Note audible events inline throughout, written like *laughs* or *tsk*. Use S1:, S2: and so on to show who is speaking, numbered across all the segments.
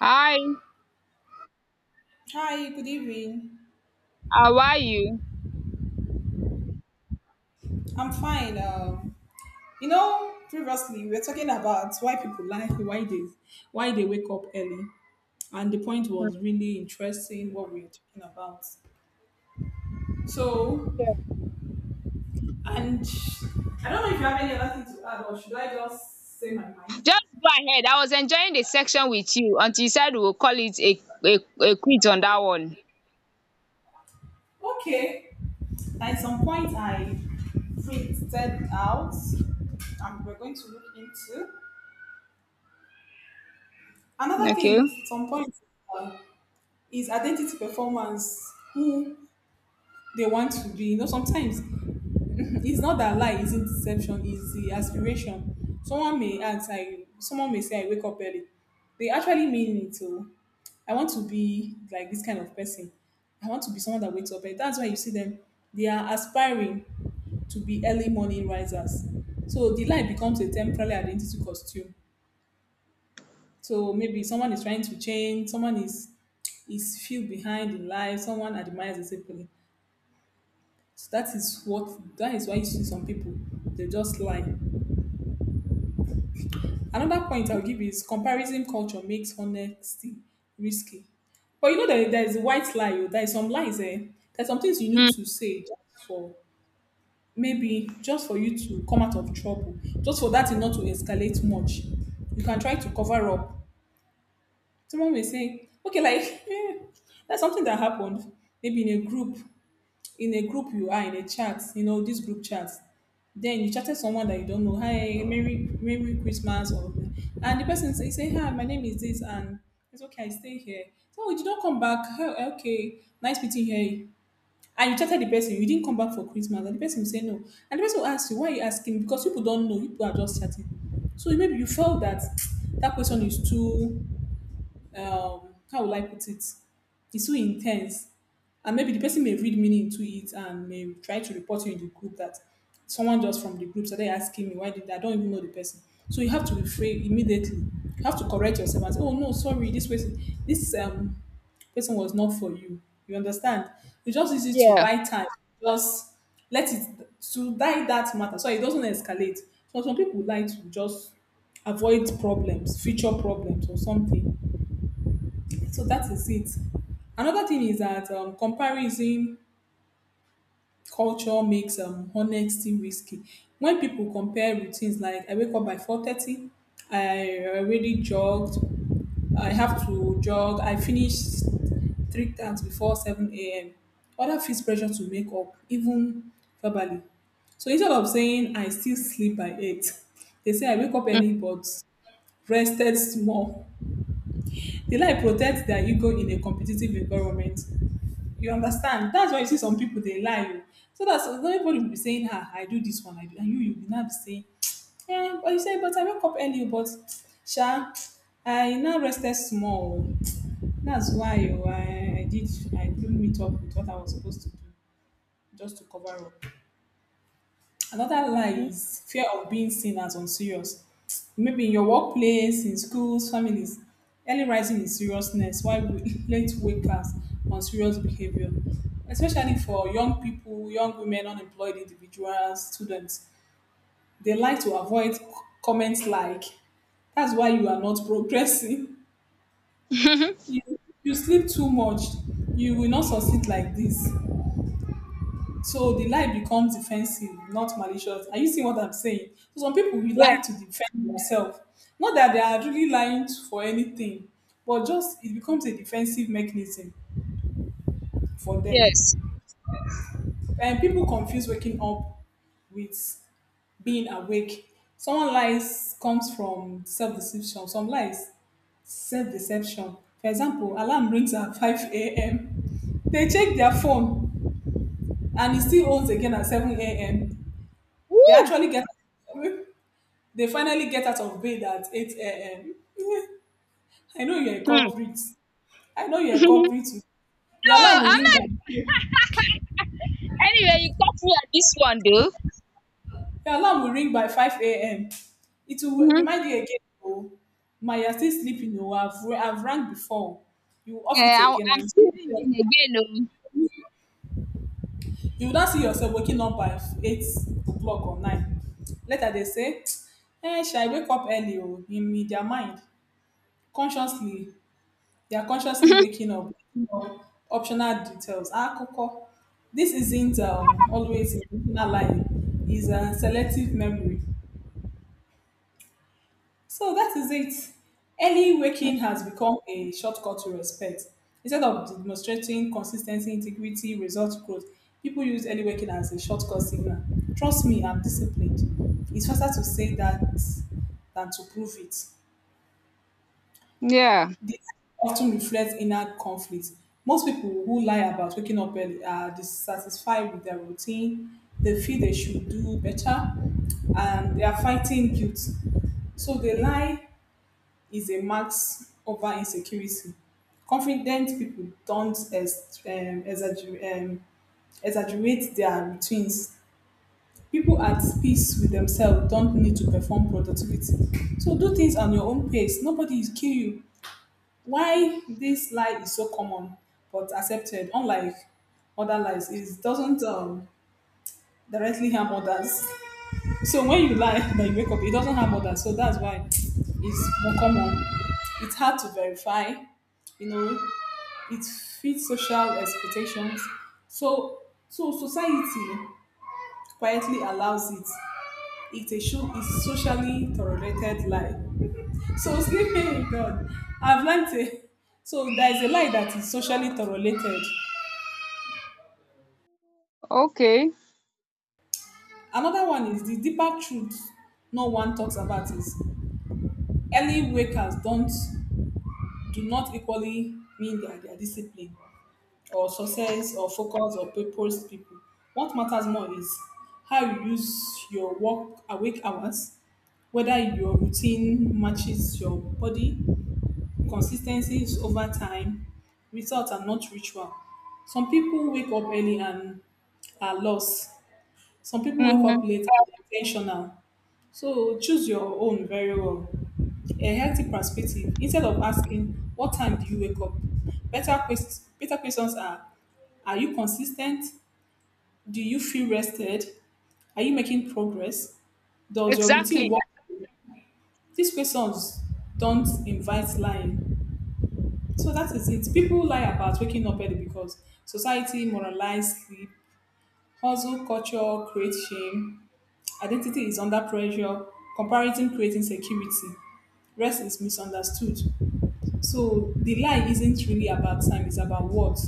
S1: Hi,
S2: Hi, good evening.
S1: how are you?
S2: I'm fine. You know, previously we were talking about why people like why they wake up early, and the point
S1: Mm.
S2: was really interesting what we were talking about. So,
S1: Yeah.
S2: and I don't know if you have any other thing to add, or should I just say my mind?
S1: Just go ahead. I was enjoying the section with you until you said we'll call it a quit on that one.
S2: Okay. At some point, I printed out, and we're going to look into another
S1: Okay.
S2: thing. At some point uh, is identity performance. Who they want to be. You know, sometimes *laughs* it's not that lie isn't deception, it's the aspiration. Someone may ask, I someone may say I wake up early. They actually mean it. So, I want to be like this kind of person. I want to be someone that wakes up early. That's why you see them, they are aspiring to be early morning risers. So the lie becomes a temporary identity costume. So maybe someone is trying to change, someone is feel behind in life, someone admires discipline. So that is why you see some people they just lie. Another point I'll give is comparison culture makes honesty risky. But you know that there is a white lie. Oh, there is some lies. Eh? There's some things you need
S1: Mm.
S2: to say just for maybe just for you to come out of trouble, just for that thing not to escalate much. You can try to cover up. Someone may say, okay, like *laughs* eh, that's something that happened maybe in a group. In a group you are in a chat, you know, this group chat. Then you chatted someone that you don't know, hi, Merry Christmas, or and the person say, say hi, my name is this, and it's okay, I stay here. So you did not come back. "Oh, okay, nice meeting here." And you chatted the person, you didn't come back for Christmas, and the person will say no. And the person will ask you, why are you asking? Because people don't know, people are just chatting. So maybe you felt that *tsk* that person is too how will I put it? It's so intense. And maybe the person may read meaning into it and may try to report you in the group that someone just from the group started asking me why did I don't even know the person. So you have to refrain immediately. You have to correct yourself and say, oh no, sorry, this person this person was not for you. You understand? It's just easy to
S1: Yeah.
S2: buy time, just let it to die that matter so it doesn't escalate. So some people like to just avoid problems, future problems or something. So that is it. Another thing is that comparison culture makes honesty risky. When people compare routines, like I wake up by 4:30, I already jogged, I have to jog, I finish three times before seven a.m. Other feels pressure to make up, even verbally. So instead of saying I still sleep by eight, *laughs* they say I wake up
S1: Hmm.
S2: early but rested small. They like protect their ego in a competitive environment. You understand? That's why you see some people they lie. Oh. So that's everybody will be saying, ah, I do this one, I do, and you will not be saying, eh, but you say, but I woke up early, but sha, I now rested small. Oh. That's why oh, I couldn't meet up with what I was supposed to do just to cover up. Another lie is fear of being seen as unserious. Maybe in your workplace, in schools, families, early rising in seriousness, while *laughs* late wakers on serious behavior, especially for young people, young women, unemployed individuals, students. They like to avoid comments like, that's why you are not *laughs* progressing.
S1: *laughs*
S2: You, you sleep too much. You will not succeed like this. So the lie becomes defensive, not malicious. Are you seeing what I'm saying? So some people will
S1: Yeah.
S2: lie to defend themselves. Not that they are really lying for anything, but just it becomes a defensive mechanism for them.
S1: Yes.
S2: And people confuse waking up with being awake. Someone lies comes from self-deception. Some lies self-deception. For example, alarm rings at *laughs* 5 a.m. They check their phone and it still owns again at 7 a.m. They
S1: Woo!
S2: actually get *laughs* they finally get out of bed at 8 a.m. I know you're a
S1: Hmm. *laughs*
S2: culprit. I know you're a
S1: No,
S2: culprit. Your alarm will
S1: I'm
S2: ring
S1: not.
S2: by
S1: Anyway, you got me at this one though.
S2: your alarm will ring by 5 a.m. It will
S1: Mm-hmm.
S2: remind you again, oh, my you're still sleeping, oh, I've rang before. You off
S1: Yeah,
S2: it
S1: I,
S2: again and
S1: I'm
S2: you see
S1: still
S2: yourself.
S1: reading again.
S2: You will not see yourself waking up by 8 o'clock or nine. Later they say, *tsk* eh, shall I wake up early oh, in their mind, consciously they are consciously waking up optional details. Ah, Coco. This isn't always intentional lying, it's a selective memory. So that is it. Early
S1: Oh.
S2: waking
S1: *laughs*
S2: has become a shortcut to respect. Instead of demonstrating consistency, integrity, result growth, people use early waking as a shortcut signal. Trust me, I'm disciplined. It's faster to say that than to prove it.
S1: Yeah.
S2: This often reflects inner conflict. Most people who lie about waking up early are dissatisfied with their routine. They feel they should do better and they are fighting guilt. So the lie is a mask over insecurity. Confident people don't exaggerate, exaggerate their routines. People at peace with themselves don't need to perform productivity. So do things on your own pace. Nobody is kill you. Why this lie is so common but accepted, unlike other lies, is doesn't directly harm others. So when you lie *laughs* that you wake up, it doesn't harm others. So that's why it's more common. It's hard to verify, you know. It fits social expectations. So so society quietly allows it. It's a show is socially tolerated lie. So *laughs* sleeping with God, I've learned a so there is a lie that is socially tolerated.
S1: Okay.
S2: Another one is the deeper truth no one talks about is early wakers don't do not equally mean their discipline or success or focus or purpose people. What matters more is how you use your work awake hours, whether your routine matches your body. Consistency is over time. Results are not ritual. Some people wake up early and are lost. Some people wake up
S1: Mm-hmm.
S2: late and are intentional. So choose your own very well. A healthy perspective. Instead of asking, what time do you wake up? Better, better questions are you consistent? Do you feel rested? Are you making progress? Does your routine
S1: Exactly.
S2: work? These questions don't invite lying. So that is it. People lie about waking up early because society moralizes sleep, hustle culture creates shame, identity is under pressure, comparison creates insecurity, rest is misunderstood. So the lie isn't really about time, it's about what?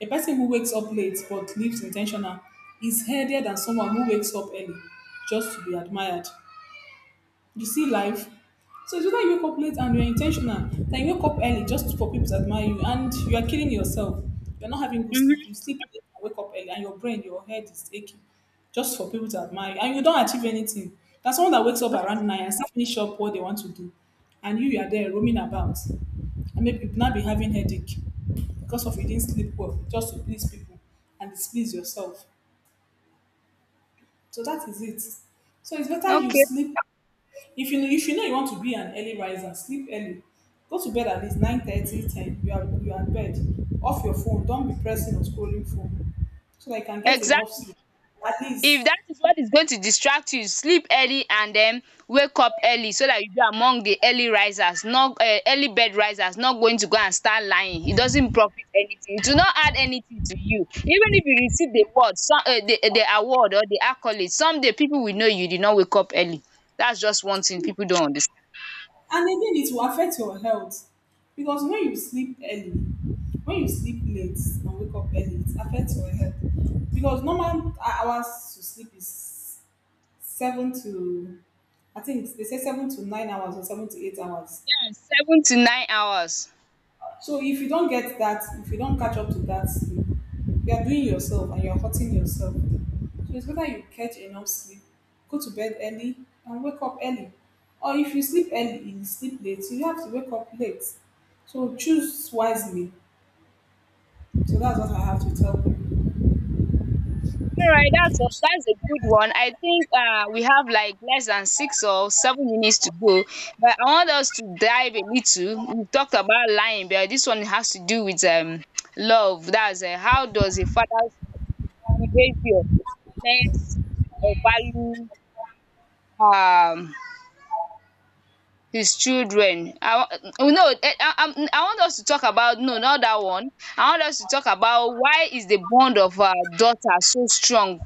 S2: A person who wakes up late but lives intentional is healthier than someone who wakes up early just to be admired. You see life. So it's either you wake up late and you're intentional, then you wake up early just for people to admire you, and you are killing yourself. You're not having good sleep. You
S1: Mm-hmm.
S2: sleep late and wake up early, and your brain, your head is aching just for people to admire you, and you don't achieve anything. That's someone that wakes up around nine and still finish up what they want to do, and you are there roaming about, and maybe you not be having headache because of you didn't sleep well just to please people and displease yourself. So that is it. So it's better you
S1: Okay.
S2: sleep if you know, if you know you want to be an early riser, sleep early. Go to bed at least 9:30, 10. You are in bed. Off your phone. Don't be pressing or scrolling phone. So that you can get enough sleep.
S1: Exactly.
S2: At least.
S1: If that is what is going to distract you, sleep early and then wake up early so that you be among the early risers, not early bed risers, not going to go and start lying. It doesn't profit anything. It will not add anything to you. Even if you receive the word, some the the award or the accolade, someday people will know you did not wake up early. That's just one thing people don't understand.
S2: And again, it will affect your health. Because when you sleep early, when you sleep late and wake up early, it affects your health. Because normal hours to sleep is seven to, I think they say 7 to 9 hours or 7 to 8 hours.
S1: 7 to 9 hours.
S2: So if you don't get that, if you don't catch up to that sleep, you are doing yourself and you are hurting yourself. So it's better you catch enough sleep, go to bed early and wake up early. Or if you sleep early, you sleep late, so you have to wake up late. So choose wisely. So that's what I have to tell you.
S1: All right, that's a good one. I think we have like less than 6 or 7 minutes to go, but I want us to dive a little. We talked about lying, but this one has to do with love. That's how does a father's behavior influence or value um his children? I wa- oh, no, eh, I want us to talk about no, not that one. I want us to talk about, why is the bond of daughter so strong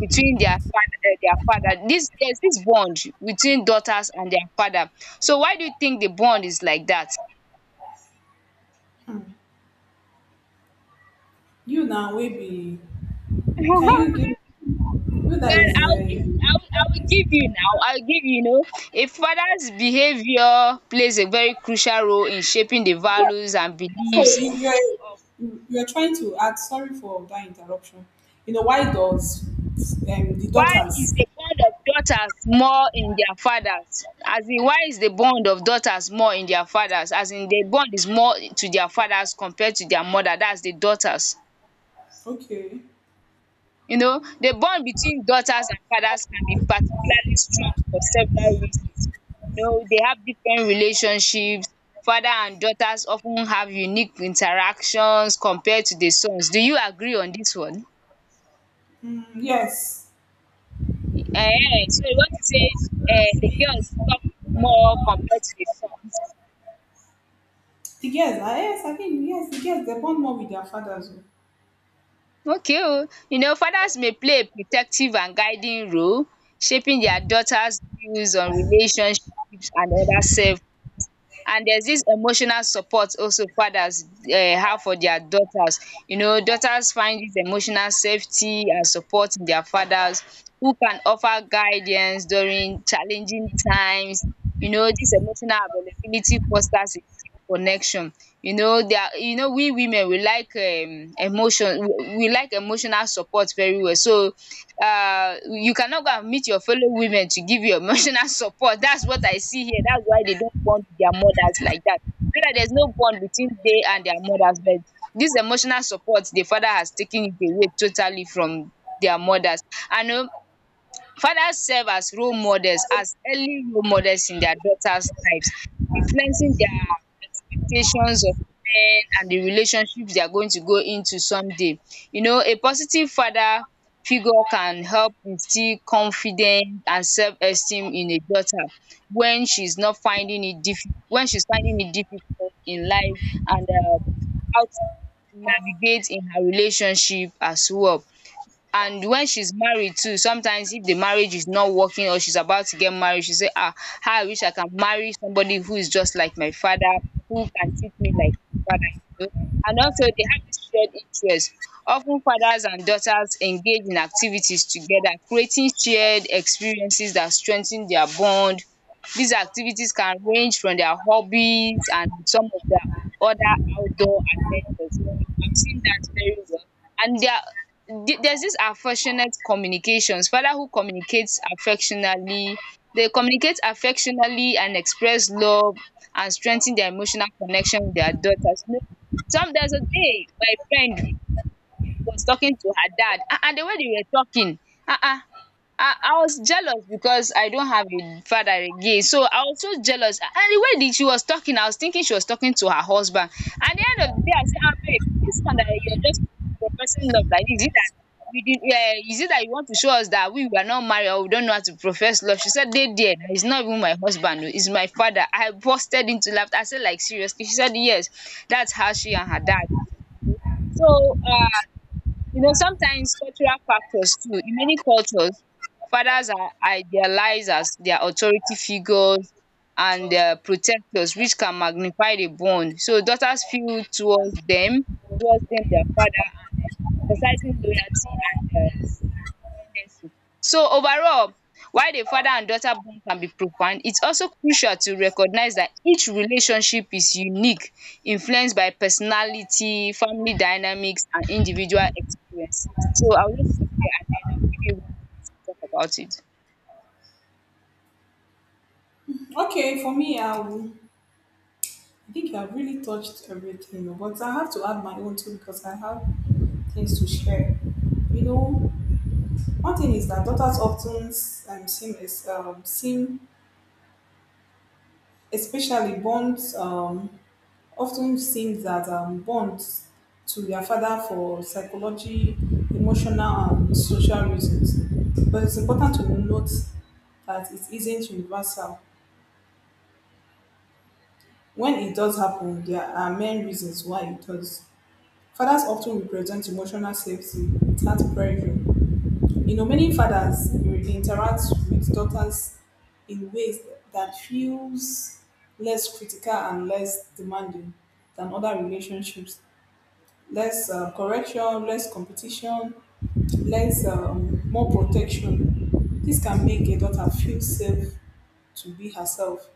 S1: between their father, eh, their father this there's this bond between daughters and their father, so why do you think the bond is like that?
S2: You now, maybe,
S1: *laughs* Well,
S2: can you give you that is
S1: I'll give
S2: a
S1: I'll, I will give you now I'll give you, you know, a father's behavior plays a very crucial role in shaping the values and
S2: so
S1: beliefs of,
S2: you're trying to add. Sorry for that interruption. You know why does the
S1: why is
S2: daughters?
S1: the bond of daughters more in their fathers? As in, why is the bond of daughters more in their fathers as in the bond is more to their fathers compared to their mother, that's the daughters.
S2: Okay.
S1: You know, the bond between daughters and fathers can be particularly strong for several reasons. You know, they have different relationships. Father and daughters of ten have unique interactions compared to the sons. Do you agree on dis one?
S2: Mm, yes,
S1: Ehen, so you want to say the girls talk more compared to the sons.
S2: the girls. Ah, yes, I think yes, the girls they bond more with their fathers. Oh.
S1: Okay o. You know, fathers may play a protective and guiding role, shaping their daughters' views on relationships and other self. And there's this emotional support also fathers have for their daughters. You know, daughters find this emotional safety and support in their fathers who can offer guidance during challenging times. You know, this emotional availability fosters a deep connection. You know, there are, you know, we women, we we like emotional support very well. So you cannot go and meet your fellow women to give you emotional *laughs* support. That's what I see here. That's why they don't bond with their mothers like that, so that there's no bond between they and their mothers. But this emotional support, the father has taken it away totally from their mothers. And fathers serve as role models, as early role models in their daughters' lives, influencing their expectations of men and the relationships they are going to go into someday. You know, a positive father figure can help instill confidence and self-esteem in a daughter when she's not finding it diffi when she's finding it difficult in life, and how to navigate in her relationship as well. And when she's married too, sometimes if the marriage is not working or she's about to get married, she say, ah, how I wish I can marry somebody who is just like my father, who can treat me like my father, you know. And also they have this shared interest. Often fathers and daughters engage in activities together, creating shared experiences that strengthen their bond. These activities can range from their hobbies and some of their other outdoor adventures. I've seen that very well. And their, there's this affectionate communications. Father who communicates affectionately, they communicate affectionately and express love and strengthen their emotional connection with their daughters. You know, some, there's a day my friend was talking to her dad. Ah, ah, the way they were talking, ah, ah, I was jealous because I don't have a father again. So I was so jealous. And the way that she was talking, I was thinking she was talking to her husband. At the end of the day, I said, ah, babe, this one that you're just professing love like this, is it that we did, is it that you want to show us that we were not married or we don't know how to profess love? She said, they did. It's not even my husband. Oh, it's my father. I busted into laughter. I said, like, seriously? She said, yes. That's how she and her dad. So, you know, sometimes cultural factors too. In many cultures, fathers are idealized as their authority figures and protectors, which can magnify the bond. So daughters feel towards them, their father, and emphasizing loyalty and dependency. So overall, while the father and daughter bond can be profound, it's also crucial to recognize that each relationship is unique, influenced by personality, family dynamics, and individual experiences. So I'll just stop there and then I'll give you room to talk about it.
S2: Okay, for me, I will. I think I've really touched everything, oh, but I have to add my own too because I have things to share. You know, one thing is that daughters often seem is seem especially bonds often seem that bonds to their father for psychology, emotional, and social reasons. But it's important to note that it isn't universal. When it does happen, there are main reasons why it does. Fathers often represent emotional safety without pressure. You know, many fathers interact with daughters in ways that feels less critical and less demanding than other relationships. Less correction, less competition, less more protection. This can make a daughter feel safe to be herself.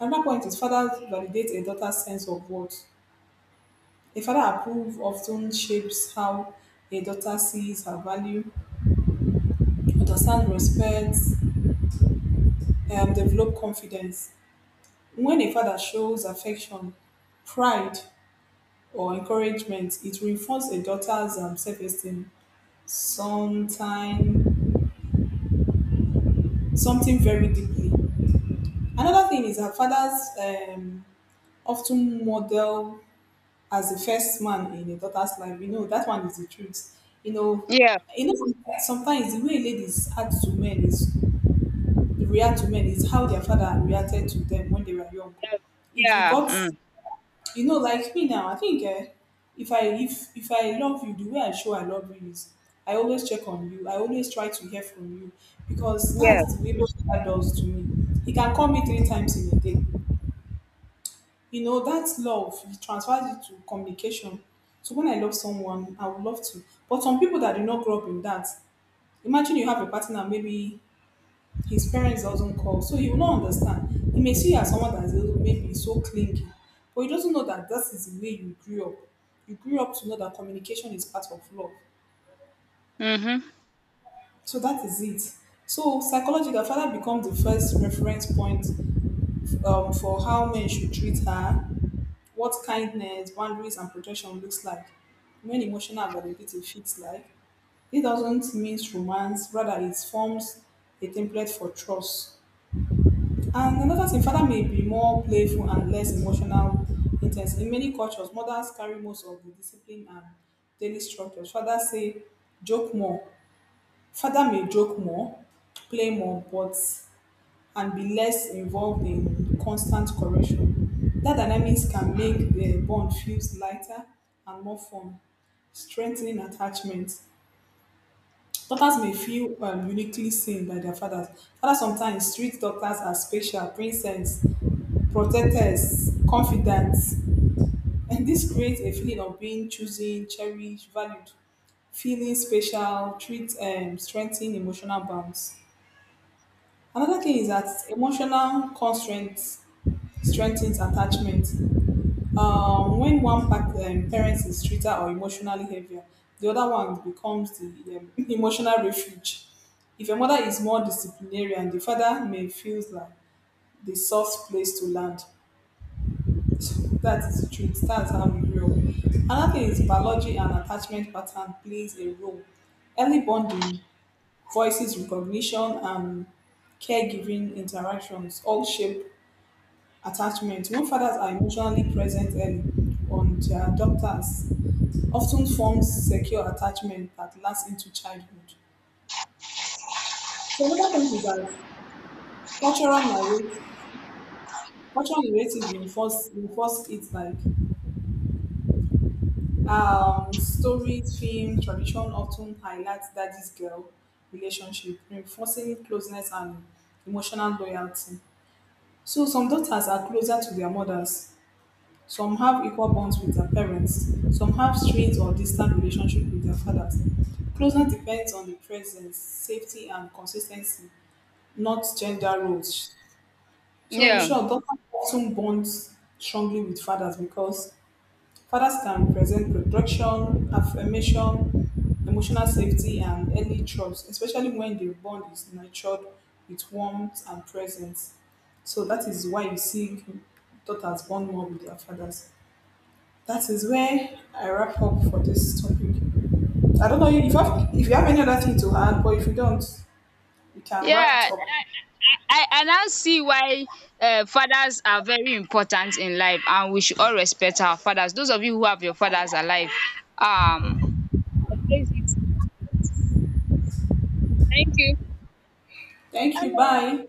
S2: Another point is fathers validate a daughter's sense of worth. A father approve often shapes how a daughter sees her value, understand, respect, and develop confidence. When a father shows affection, pride, or encouragement, it reinforces a daughter's self-esteem sometime, something very deeply. Another thing is that fathers often model as the first man in a daughter's life. You know, that one is the truth. You know,
S1: Yeah,
S2: you know sometimes the way ladies act to men is react to men is how their father reacted to them when they were young.
S1: yeah,
S2: If you
S1: yeah,
S2: got,
S1: mm,
S2: you know, like me now, I think if I love you, the way I show I love you is I always check on you. I always try to hear from you because
S1: yeah,
S2: that's the way my father does to me. He can call me 3 times in a day. You know, that's love. He transfers it to communication. So when I love someone, I would love to. But some people that do not grow up in that, imagine you have a partner maybe his parents doesn't call, so he will not understand. He may see you as someone that is a little, maybe so clingy, but he doesn't know that that is the way you grew up. You grew up to know that communication is part of love.
S1: mm-hmm,
S2: So that is it. So psychology, the father becomes the first reference point for how men should treat her, what kindness, boundaries, and protection looks like, when emotional availability feels like. It doesn't mean romance, rather it forms a template for trust. And another thing, father may be more playful and less emotional intense. In many cultures, mothers carry most of the discipline and daily structures. Fathers say, joke more. Father may joke more, play more, but and be less involved in constant correction. That dynamics can make the bond feels lighter and more fun strengthening attachment. Daughters may feel uniquely seen by their fathers. Fathers sometimes treat daughters as special, princess, protectors, confidants, and this creates a feeling of being chosen, cherished, valued, feeling special, treat, strengthen emotional bonds. Another thing is that emotional constraint strengthens attachment. When one parent is treated or emotionally heavier, the other one becomes the *laughs* emotional refuge. If a mother is more disciplinarian, the father may feel like the soft place to land. That is the truth. That's how we grow. Another thing is biology and attachment pattern plays a role. Early bonding, voices recognition, and caregiving interactions all shape attachment. When fathers are emotionally present early on their daughters, often forms secure attachment that lasts into childhood. So another point is that cultural narrative, cultural narrative reinforce it like stories, film, tradition often highlights daddy's girl relationship, reinforcing closeness and emotional loyalty. So some daughters are closer to their mothers. Some have equal bonds with their parents. Some have strained or distant relationship with their fathers. Closeness depends on the presence, safety, and consistency, not gender roles. So in
S1: yeah,
S2: short, daughters often bond strongly with fathers because fathers can present protection, affirmation, emotional safety, and early trust, especially when the bond is nurtured with warmth and presence. So that is why you see daughters bond more with their fathers. That is where I wrap up for this topic. I don't know if you have any other thing to add, but if you don't, you can wrap it
S1: yeah.
S2: up.
S1: I now see why fathers are very important in life and we should all respect our fathers. Those of you who have your fathers alive, um appreciate it. Thank you.
S2: Thank you. Bye.